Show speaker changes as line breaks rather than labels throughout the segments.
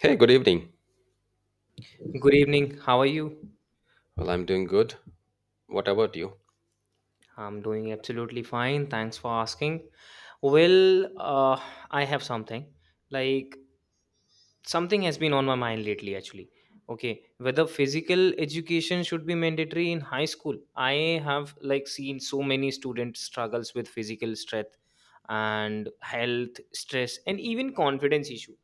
Hey, good evening.
Good evening. How are you?
Well, I'm doing good. What about you?
I'm doing absolutely fine. Thanks for asking. Well, uh, I have something. Like, Something has been on my mind lately, actually. Okay, whether physical education should be mandatory in high school. I have, seen so many students struggles with physical strength and health, stress, and even confidence issue.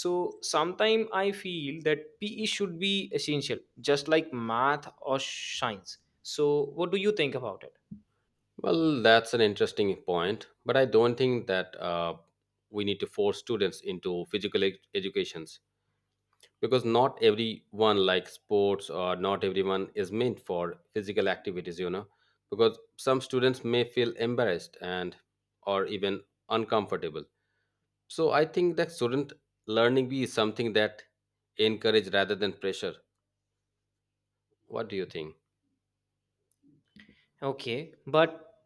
So sometimes I feel that PE should be essential just like math or science. So what do you think about it?
Well, that's an interesting point, but I don't think that we need to force students into educations because not everyone likes sports or not everyone is meant for physical activities, because some students may feel embarrassed and or even uncomfortable. So I think that student learning be something that encourage rather than pressure. What do you think?
Okay, but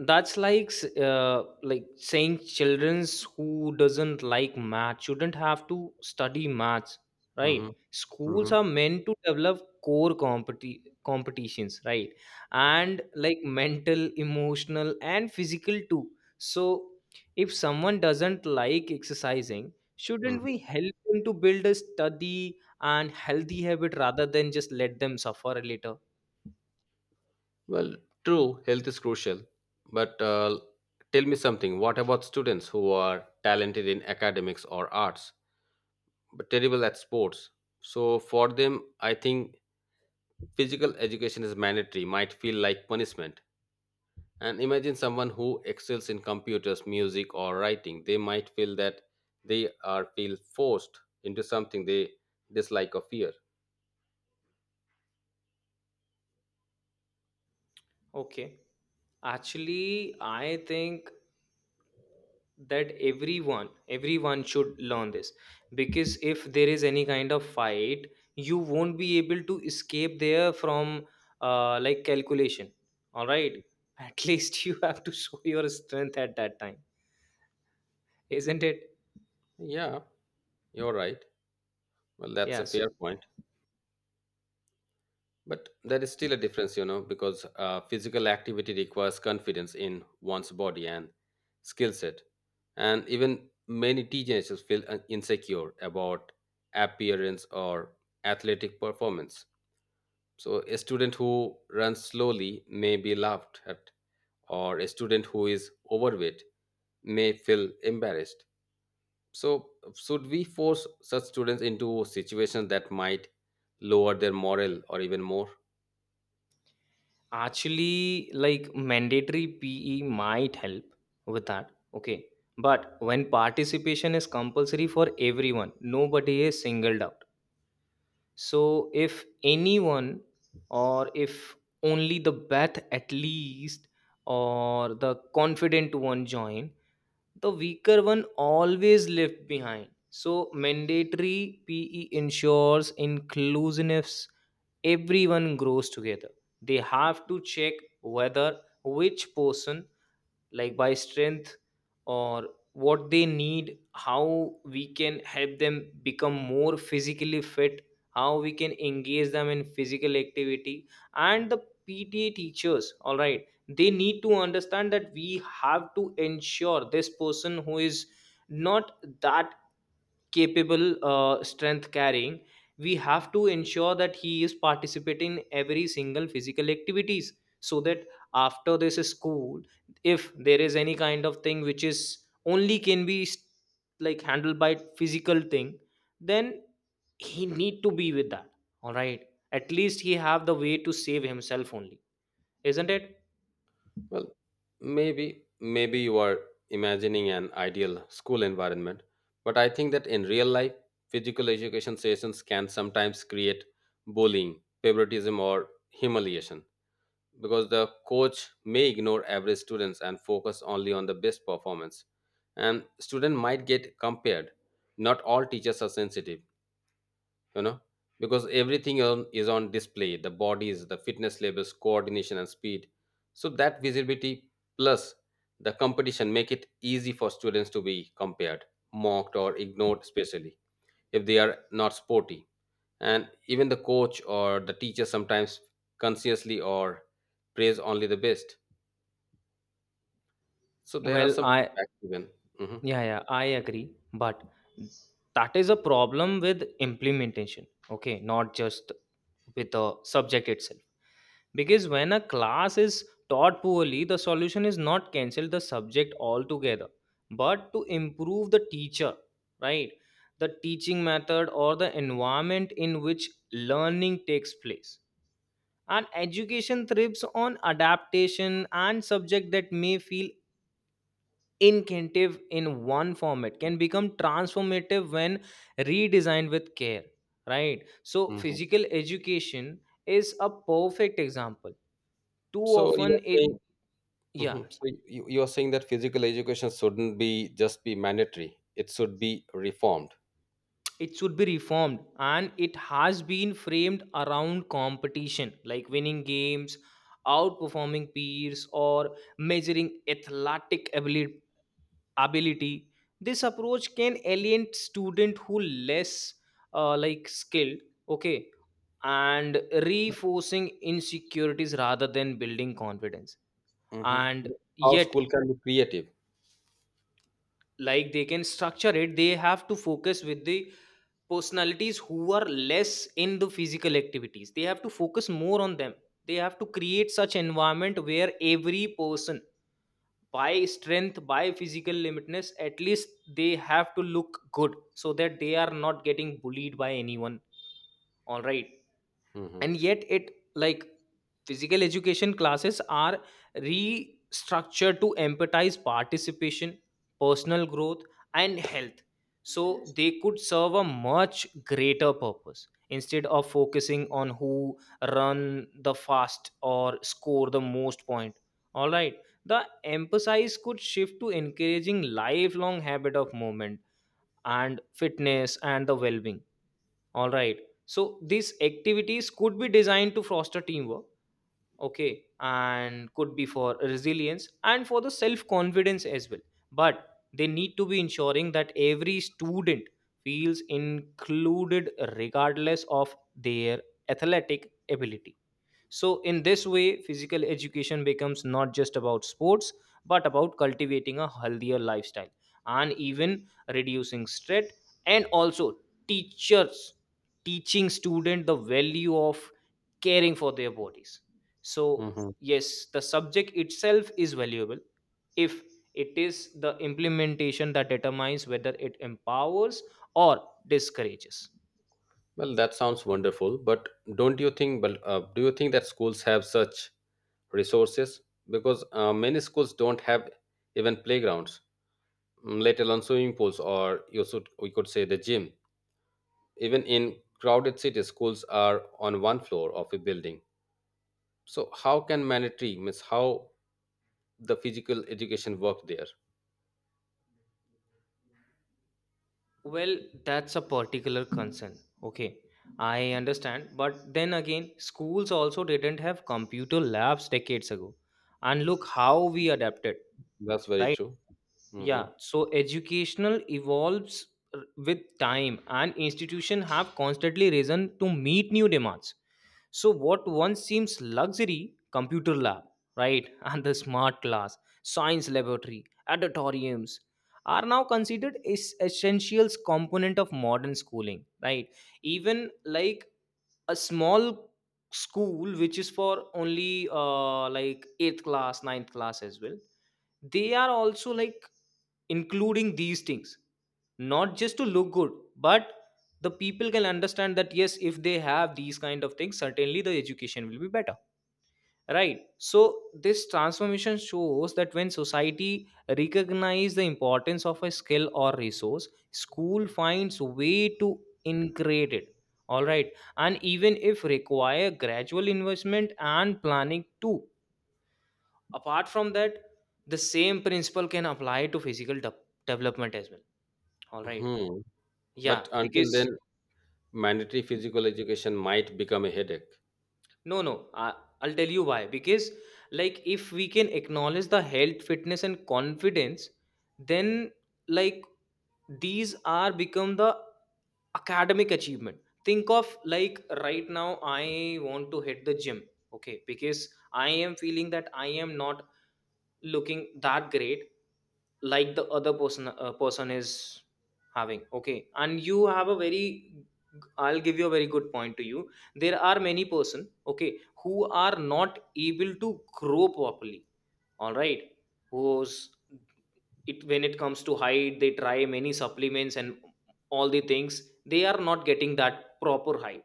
that's like saying childrens who doesn't like math shouldn't have to study maths,
Hmm.
right? Schools
Hmm.
are meant to develop core competitions, right? And like mental, emotional, and physical too. So if someone doesn't like exercising, shouldn't we help them to build a study and healthy habit rather than just let them suffer later?
Well, true, health is crucial. But tell me something, what about students who are talented in academics or arts but terrible at sports? So, for them, I think physical education is mandatory, might feel like punishment. And imagine someone who excels in computers, music, or writing. They might feel that they are feel forced into something they dislike or fear.
Okay. Actually, I think that everyone should learn this because if there is any kind of fight, you won't be able to escape there from like calculation. All right, at least you have to show your strength at that time, isn't it?
Yeah, you're right. Well, that's
Yeah.
a
So
fair point. But there is still a difference, because physical activity requires confidence in one's body and skill set. And even many teenagers feel insecure about appearance or athletic performance. So, a student who runs slowly may be laughed at, or a student who is overweight may feel embarrassed. So, should we force such students into situations that might lower their morale or even more?
actually, like mandatory PE might help with that. Okay, but when participation is compulsory for everyone, nobody is singled out. So, if anyone, or if only the Beth at least, or the confident one join, the weaker one always left behind. So, mandatory PE ensures inclusiveness, everyone grows together. They have to check whether which person like by strength, or what they need, how we can help them become more physically fit, how we can engage them in physical activity. And the PTA teachers, all right, they need to understand that we have to ensure this person who is not that capable, strength carrying, we have to ensure that he is participating in every single physical activities. So that after this school, if there is any kind of thing which is only can be like handled by physical thing, then he need to be with that, all right. At least he have the way to save himself only, isn't it?
Well, maybe you are imagining an ideal school environment, but I think that in real life, physical education sessions can sometimes create bullying, favoritism, or humiliation because the coach may ignore average students and focus only on the best performance, and student might get compared. Not all teachers are sensitive you know because everything on, is on display, the bodies, the fitness levels, coordination, and speed, so that visibility plus the competition make it easy for students to be compared, mocked, or ignored, especially if they are not sporty. And even the coach or the teacher sometimes consciously or praise only the best, so there are
well
some
i
setbacks even. Mhm.
Yeah, yeah, I agree. But that is a problem with implementation, okay? Not just with the subject itself. Because when a class is taught poorly, the solution is not cancel the subject altogether, but to improve the teacher, right? The teaching method or the environment in which learning takes place. And education thrives on adaptation, and subject that may feel incentive in one format can become transformative when redesigned with care, right? So
Mhm.
physical education is a perfect example. Too
So you
often
are
it,
saying.
yeah,
Mhm. So you are saying that physical education shouldn't be just be mandatory; it should be reformed.
it should be reformed. And it has been framed around competition, like winning games, outperforming peers, or measuring athletic ability. This approach can alienate student who less, like, skilled, okay, and reinforcing insecurities rather than building confidence.
Hmm.
And
How
yet,
school can be creative.
like, they can structure it. They have to focus with the personalities who are less in the physical activities, they have to focus more on them. They have to create such environment where every person, by strength, by physical limitness at least, they have to look good so that they are not getting bullied by anyone, all right.
Hmm.
And yet it, like, physical education classes are restructured to empathize participation, personal growth, and health. So they could serve a much greater purpose. Instead of focusing on who run the fast or score the most point, all right, the emphasis could shift to encouraging lifelong habit of movement and fitness and the well-being, all right. So these activities could be designed to foster teamwork, okay, and could be for resilience and for the self confidence as well. But they need to be ensuring that every student feels included regardless of their athletic ability. So, in this way, physical education becomes not just about sports, but about cultivating a healthier lifestyle and even reducing stress, and also teachers teaching student the value of caring for their bodies. So
Hmm.
yes, the subject itself is valuable. If it is the implementation that determines whether it empowers or discourages.
Well, that sounds wonderful, but don't you think? But do you think that schools have such resources? Because many schools don't have even playgrounds, let alone swimming pools, or you should we could say the gym. Even in crowded cities, schools are on one floor of a building. So how can mandatory means how the physical education work there.
Well, that's a particular concern. Okay, I understand. But then again, schools also didn't have computer labs decades ago. And look how we adapted,
That's very
right?
true. Hmm.
Yeah. So educational evolves with time, and institution have constantly risen to meet new demands. So what once seems luxury, computer lab, right, and the smart class, science laboratory, auditoriums, are now considered is essentials component of modern schooling, right? Even like a small school which is for only like 8th class, ninth class as well, they are also like including these things, not just to look good, but the people can understand that yes, if they have these kind of things, certainly the education will be better. Right. So this transformation shows that when society recognize the importance of a skill or resource, school finds way to integrate it. All right. And even if require gradual investment and planning too. Apart from that, the same principle can apply to physical development as well. All right.
Hmm. But
Yeah,
until then,
because,
mandatory physical education might become a headache.
no, no. I'll tell you why. Because, like, if we can acknowledge the health, fitness, and confidence, then, like, these are become the academic achievement. Think of like right now, I want to hit the gym. Okay, because I am feeling that I am not looking that great like the other person is having, okay. And you have a very, I'll give you a very good point to you. There are many person, okay, who are not able to grow properly, all right, who's it when it comes to height, they try many supplements and all the things, they are not getting that proper height.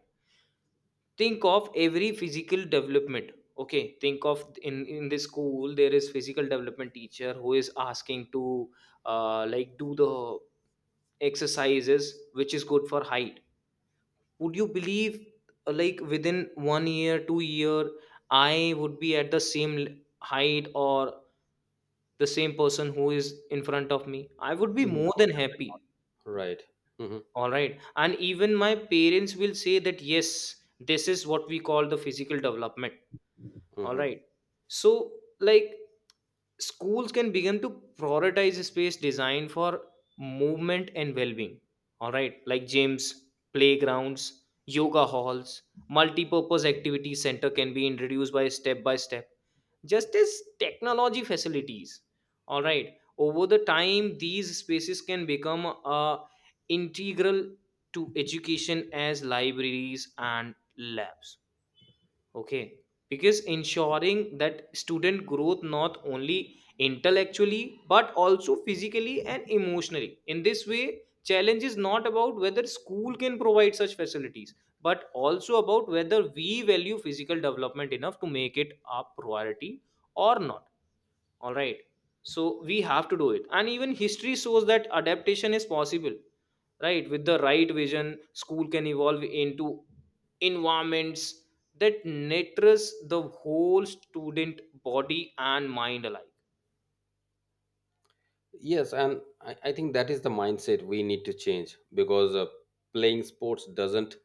Think of every physical development. Okay, think of in the school there is physical development teacher who is asking to like do the exercises which is good for height. Would you believe, like within 1 year, 2 year, I would be at the same height or the same person who is in front of me, I would be more
No.
than happy.
Right. Hmm.
All right. And even my parents will say that yes, this is what we call the physical development, all
Hmm.
right. So, like, schools can begin to prioritize space design for movement and well-being, all right, like gyms, playgrounds, yoga halls, multi-purpose activity center can be introduced by step by step, just as technology facilities, all right. Over the time, these spaces can become, uh, integral to education as libraries and labs, okay, because ensuring that student growth not only intellectually but also physically and emotionally. In this way, challenge is not about whether school can provide such facilities, but also about whether we value physical development enough to make it a priority or not, all right. So we have to do it, and even history shows that adaptation is possible, right? With the right vision, school can evolve into environments that nurtures the whole student, body and mind alike.
Yes, and I think that is the mindset we need to change because playing sports doesn't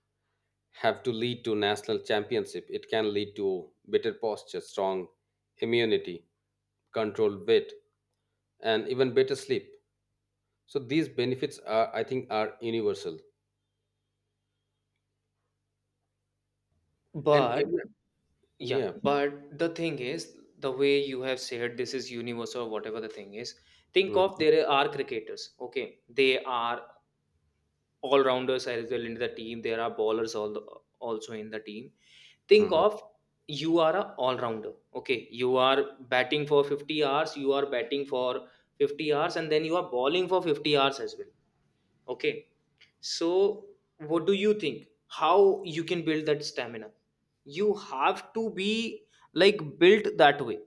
have to lead to national championship. It can lead to better posture, strong immunity, controlled weight, and even better sleep. So these benefits are, I think, are universal. And
But,
even,
yeah,
yeah.
but the thing is, the way you have said this is universe or whatever the thing is, think of
Mm-hmm.
there are cricketers, okay, they are all rounders as well in the team, there are bowlers all also in the team. Think
Mhm.
of you are a all rounder, okay, you are batting for 50 hours, you are batting for 50 hours, and then you are bowling for 50 hours as well, okay. So what do you think, how you can build that stamina? You have to be, like, built that way.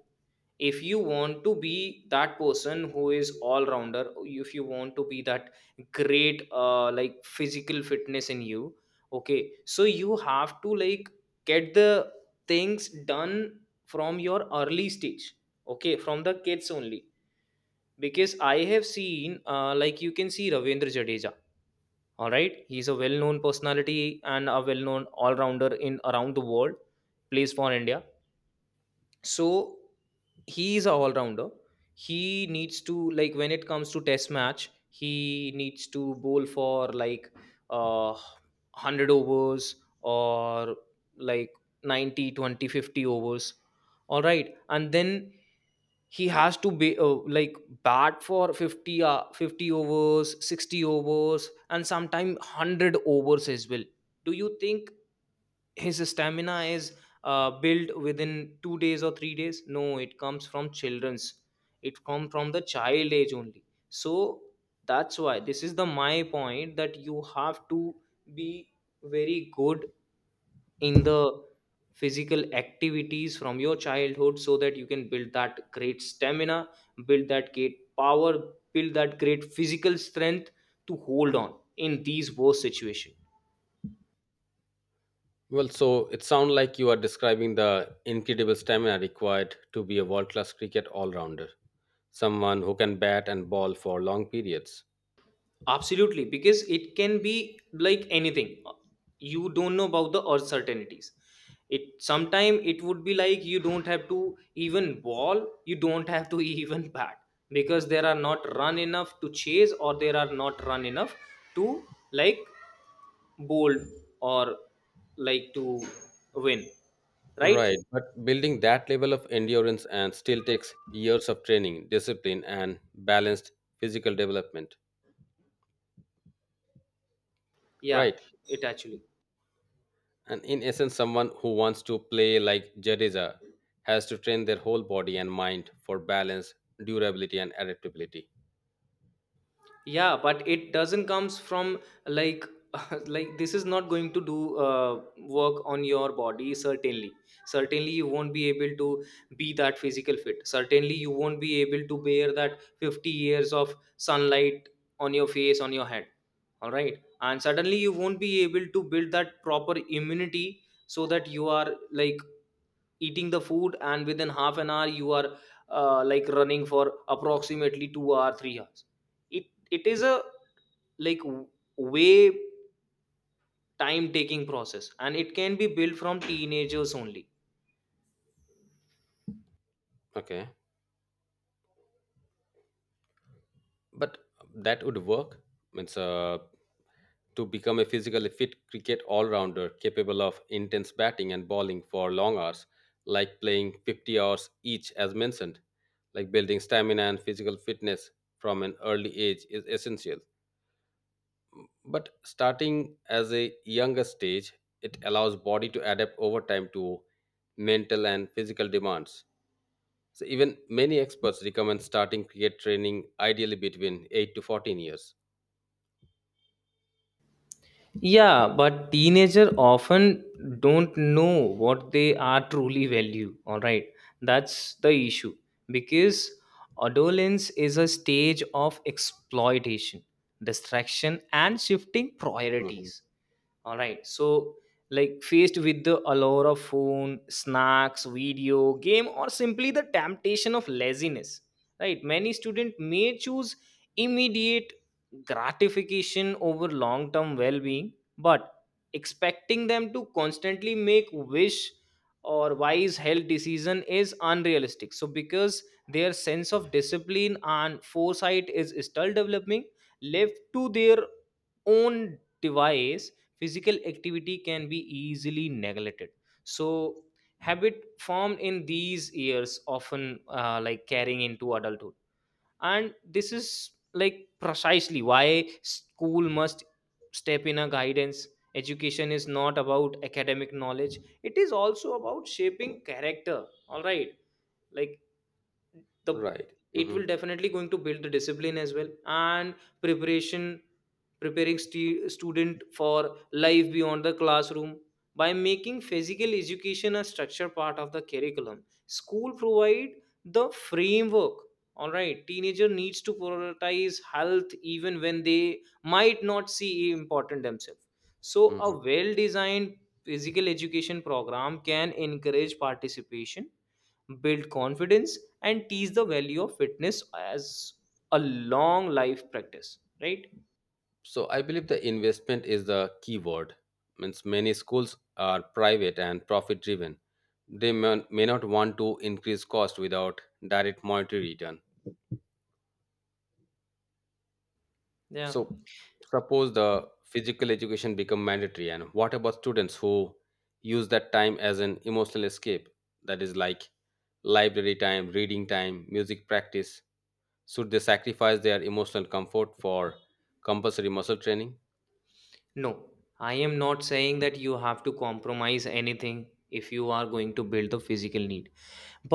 If you want to be that person who is all rounder, if you want to be that great, like, physical fitness in you, okay, so you have to, like, get the things done from your early stage, okay, from the kids only. Because I have seen, like, you can see Ravindra Jadeja, all right, he's a well known personality and a well known all rounder in around the world, plays for India. So he is a all rounder. He needs to, like, when it comes to test match, he needs to bowl for like uh 100 overs, or like 90, 20, 50 overs, all right. And then he has to be like bat for 50 overs, 60 overs, and sometimes 100 overs as well. Do you think his stamina is built within 2 days or 3 days? No, it comes from children's, it comes from the child age only. So that's why this is the my point, that you have to be very good in the physical activities from your childhood so that you can build that great stamina, build that great power, build that great physical strength to hold on in these worst situation.
Well, so it sounds like you are describing the incredible stamina required to be a world class cricket all rounder, someone who can bat and ball for long periods.
Absolutely, because it can be, like, anything. You don't know about the uncertainties. It sometime it would be like you don't have to even ball, you don't have to even bat, because there are not run enough to chase, or there are not run Enough to like bold or like to win, right?
Right, but building that level of endurance and still takes years of training, discipline, and balanced physical development.
yeah
Right,
it actually
and in essence, someone who wants to play like Jadeja has to train their whole body and mind for balance, durability, and adaptability.
yeah But it doesn't comes from like like this is not going to do work on your body. Certainly, certainly you won't be able to be that physical fit. Certainly you won't be able to bear that 50 years of sunlight on your face, on your head. All right, and suddenly you won't be able to build that proper immunity so that you are like eating the food and within half an hour you are like running for approximately 2 or 3 hours. It is a like w- way time taking process, and it can be built from teenagers only.
Okay, but that would work. Means, to become a physically fit cricket all rounder capable of intense batting and bowling for long hours, like playing 50 hours each, as mentioned. Like building stamina and physical fitness from an early age is essential. But starting as a younger stage, it allows body to adapt over time to mental and physical demands. So even many experts recommend starting cricket training ideally between 8 to 14 years.
Yeah, but teenagers often don't know what they are truly value. All right, that's the issue, because adolescence is a stage of exploitation, distraction, and shifting
Mhm.
priorities. All right. So, like faced with the allure of phone, snacks, video, game, or simply the temptation of laziness, right? Many students may choose immediate gratification over long term well being, but expecting them to constantly make wish or wise health decision is unrealistic, so because their sense of discipline and foresight is still developing, left to their own device, physical activity can be easily neglected. So habit formed in these years often like carrying into adulthood, and this is like precisely why school must step in a guidance. Education is not about academic knowledge, it is also about shaping character. All right, like the
Right.
it
Hmm.
will definitely going to build the discipline as well, and preparation preparing student for life beyond the classroom. By making physical education a structure part of the curriculum, school provide the framework all right teenager needs to prioritize health, even when they might not see important themselves. So a
Hmm.
well designed physical education program can encourage participation, build confidence, and teach the value of fitness as a long life practice, right?
So I believe the investment is the key word. Means many schools are private and profit driven. They may not want to increase cost without direct monetary return.
Yeah.
So suppose the physical education become mandatory and what about students who use that time as an emotional escape, that is like library time, reading time, music practice? Should they sacrifice their emotional comfort for compulsory muscle training?
No, I am not saying that you have to compromise anything if you are going to build the physical need,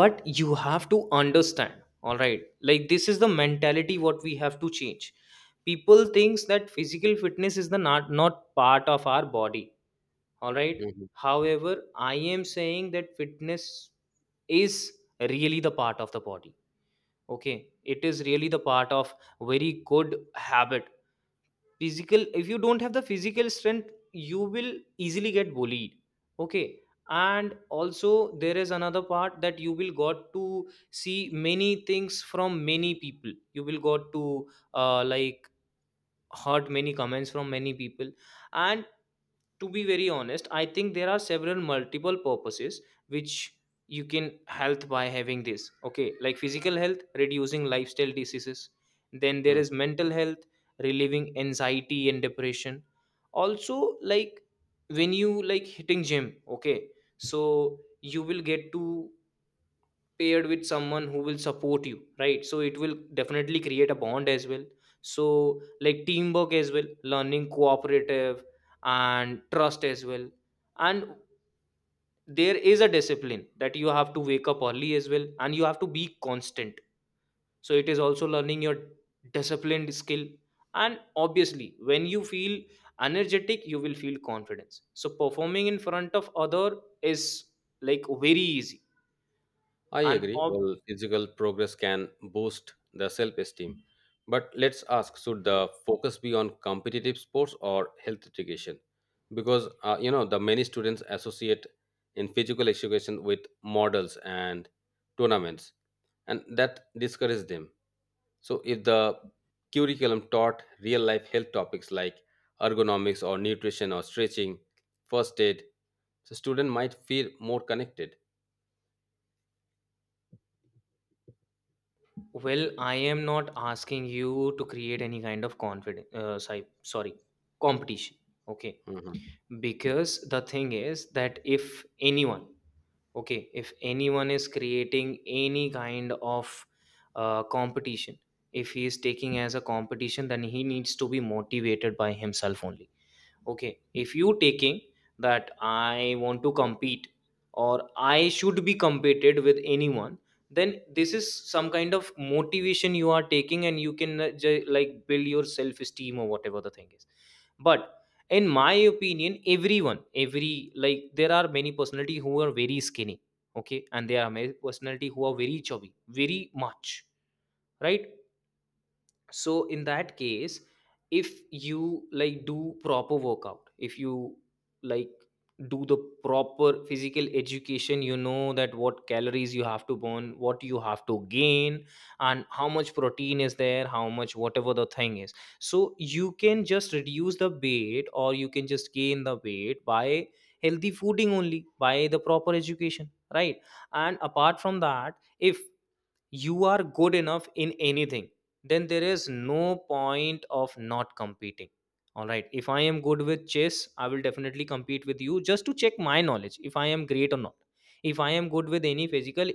but you have to understand. All right, like this is the mentality what we have to change. People thinks that physical fitness is the not not part of our body. All right, however I am saying that fitness is really the part of the body. Okay, it is really the part of very good habit. Physical, if you don't have the physical strength, you will easily get bullied. Okay, and also there is another part that you will got to see many things from many people. You will got to like heard many comments from many people, and to be very honest I think there are several multiple purposes which you can health by having this. Okay, like physical health reducing lifestyle diseases, then there
Mhm.
is mental health relieving anxiety and depression. Also, like when you like hitting gym, okay, so you will get to paired with someone who will support you, right? So it will definitely create a bond as well. So like teamwork as well, learning cooperative and trust as well. And there is a discipline that you have to wake up early as well, and you have to be constant. So it is also learning your disciplined skill. And obviously when you feel energetic, you will feel confidence, so performing in front of other is like very easy.
I
and
agree.
ob-
Well, physical progress can boost the self esteem. But let's ask, should the focus be on competitive sports or health education? Because, the many students associate in physical education with models and tournaments, and that discourages them. So, if the curriculum taught real life health topics like ergonomics or nutrition or stretching, first aid, the student might feel more connected.
Well, I am not asking you to create any kind of confidence. Sorry, sorry, competition. Okay.
Mhm.
Because the thing is that if anyone, okay, if anyone is creating any kind of competition, if he is taking as a competition, then he needs to be motivated by himself only. Okay, if you taking that I want to compete or I should be competed with anyone, then this is some kind of motivation you are taking, and you can like build your self esteem or whatever the thing is. But in my opinion, everyone, every like there are many personality who are very skinny, okay, and there are many personality who are very chubby, very much, right? So in that case, if you like do proper workout, if you like do the proper physical education, you know that what calories you have to burn, what you have to gain, and how much protein is there, how much whatever the thing is, so you can just reduce the weight or you can just gain the weight by healthy fooding only, by the proper education, right? And apart from that, if you are good enough in anything, then there is no point of not competing. All right, if I am good with chess, I will definitely compete with you just to check my knowledge if I am great or not. If I am good with any physical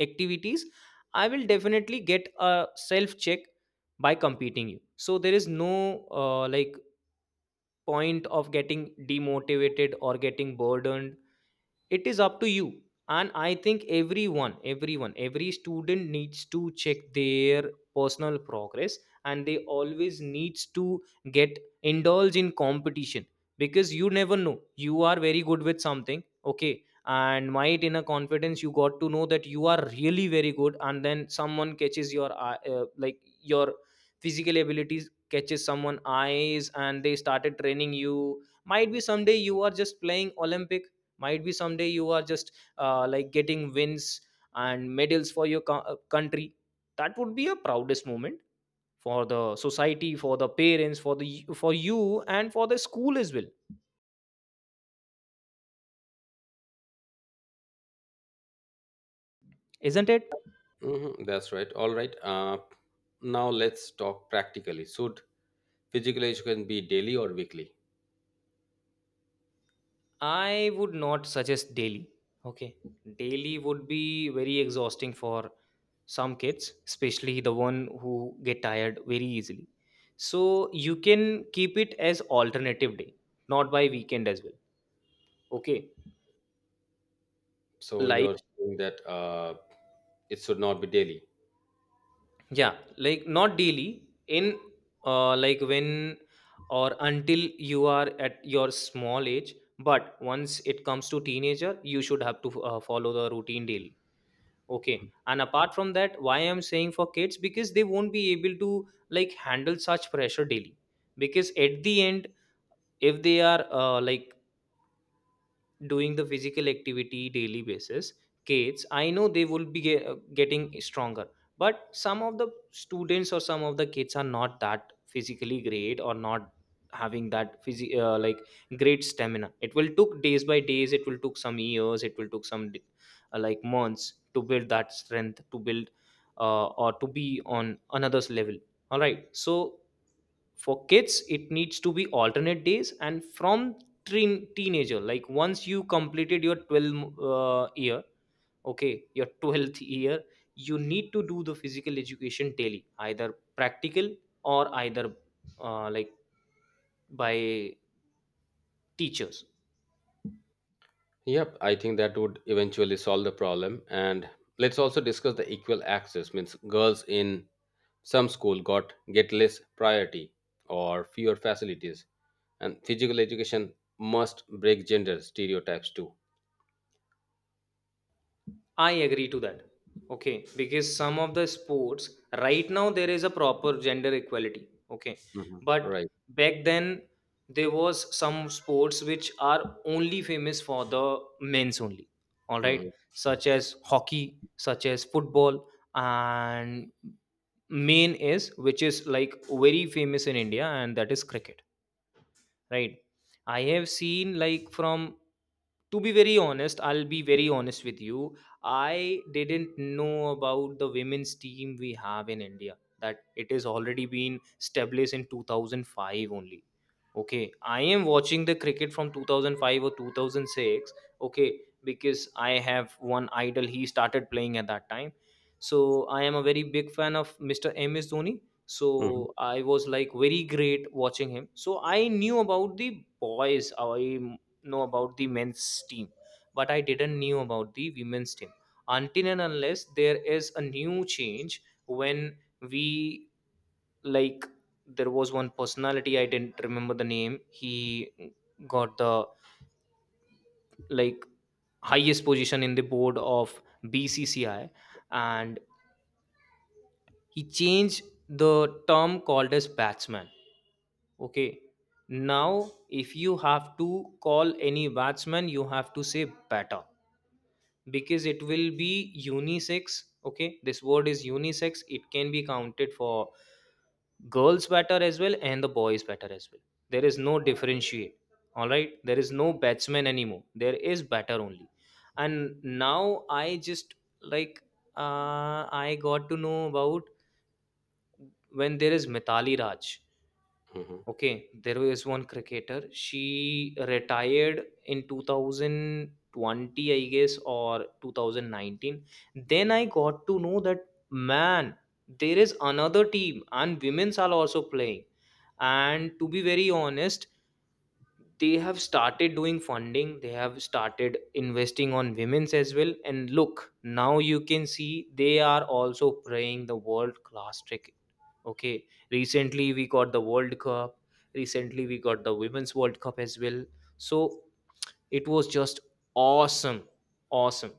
activities, I will definitely get a self check by competing you. So there is no like point of getting demotivated or getting burdened. It is up to you. And I think everyone, every student needs to check their personal progress, and they always needs to get indulge in competition. Because you never know, you are very good with something, okay, and might in a confidence you got to know that you are really very good, and then someone catches your like your physical abilities catches someone eyes and they started training you. Might be someday you are just playing olympic, might be someday you are just like getting wins and medals for your country. That would be a proudest moment for the society, for the parents, for the for you, and for the school as well, isn't it?
Hmm, that's right. All right. Now let's talk practically. Should physical education be daily or weekly?
I would not suggest daily. Okay, daily would be very exhausting for some kids, especially the one who get tired very easily. So you can keep it as alternative day, not by weekend as well. Okay.
So
like
you're saying that it should not be daily.
yeah, like not daily in like when or until you are at your small age, but once it comes to teenager you should have to follow the routine daily. Okay, and apart from that why I'm saying for kids, because they won't be able to like handle such pressure daily. Because at the end, if they are like doing the physical activity daily basis, kids, I know they will be getting stronger, but some of the students or some of the kids are not that physically great, or not having that like great stamina. It will took days by days, it will took some years, it will took some like months to build that strength, to build or to be on another's level. All right, so for kids it needs to be alternate days, and from teenager, like once you completed your 12 year, okay, your 12th year, you need to do the physical education daily, either practical or either like by teachers.
Yep, I think that would eventually solve the problem. And let's also discuss the equal access. Means girls in some school got get less priority or fewer facilities. And physical education must break gender stereotypes too.
I agree to that. Okay, because some of the sports right now there is a proper gender equality. Okay,
Mhm.
but
Right.
back then there was some sports which are only famous for the men's only. All right,
Hmm.
such as hockey, such as football, and main is which is like very famous in India, and that is cricket, right? I have seen like from, to be very honest, I'll be very honest with you, I didn't know about the women's team we have in India, that it has already been established in 2005 only. Okay, I am watching the cricket from 2005 or 2006. Okay, because I have one idol. He started playing at that time. So I am a very big fan of Mr. MS Dhoni. So I was like very great watching him. So I knew about the boys. I know about the men's team, but I didn't knew about the women's team until and unless there is a new change when we like there was one personality, I didn't remember the name. He got the like highest position in the board of BCCI, and he changed the term called as batsman. Okay, now if you have to call any batsman you have to say batter, because it will be unisex. Okay, this word is unisex, it can be counted for girls batter as well and the boys batter as well. There is no differentiate. All right, there is no batsman anymore, there is batter only. And now I just like I got to know about when there is Mitali Raj.
Hmm.
Okay, there was one cricketer. She retired in 2020, I guess, or 2019. Then I got to know that man, there is another team, and women's are also playing. And to be very honest, they have started doing funding. They have started investing on women's as well. And look, now you can see they are also playing the world class. Okay. Recently, we got the World Cup. Recently, we got the Women's World Cup as well. So it was just awesome. Awesome.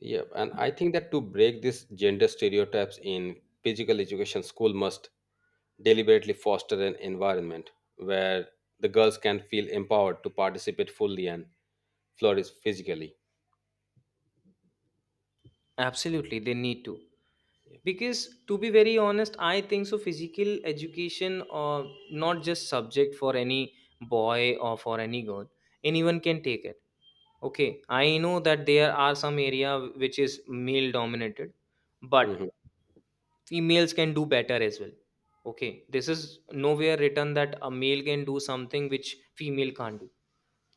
Yeah, and I think that to break these gender stereotypes in physical education, school must deliberately foster an environment where the girls can feel empowered to participate fully and flourish physically.
Absolutely. They need to. Because to be very honest, I think so physical education or not just subject for any boy or for any girl. Anyone can take it. Okay. I know that there are some area which is male dominated,
Hmm.
but females can do better as well. Okay, this is nowhere written that a male can do something which female can't do.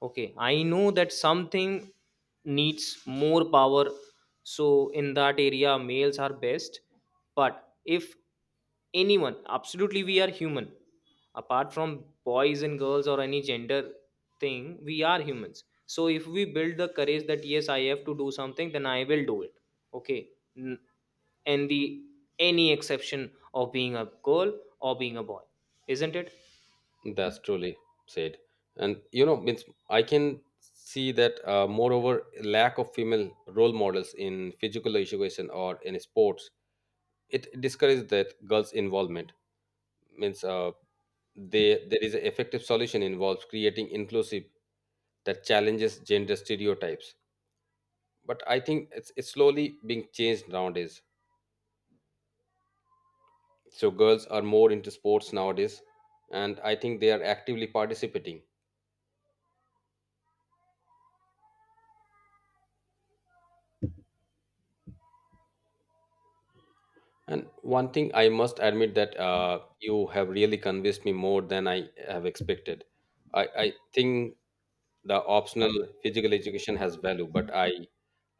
Okay, I know that something needs more power, so in that area, males are best. But if anyone, absolutely, we are human. Apart from boys and girls or any gender thing, we are humans. So if we build the courage that yes, I have to do something, then I will do it. Okay, N- and the any exception of being a girl or being a boy, isn't it?
That's truly said. And means I can see that moreover, lack of female role models in physical education or in sports, it discourages that girls' involvement. Means there is an effective solution involves creating inclusive that challenges gender stereotypes. But I think it's slowly being changed nowadays. So girls are more into sports nowadays, and I think they are actively participating. And one thing I must admit that you have really convinced me more than I have expected. I think the optional physical education has value, but I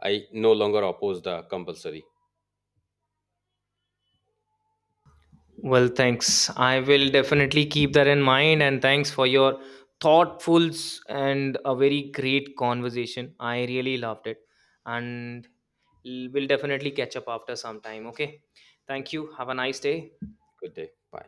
I no longer oppose the compulsory.
Well, thanks. I will definitely keep that in mind, and thanks for your thoughtfuls and a very great conversation. I really loved it, and we'll definitely catch up after some time, okay? Thank you. Have a nice day.
Good day. Bye.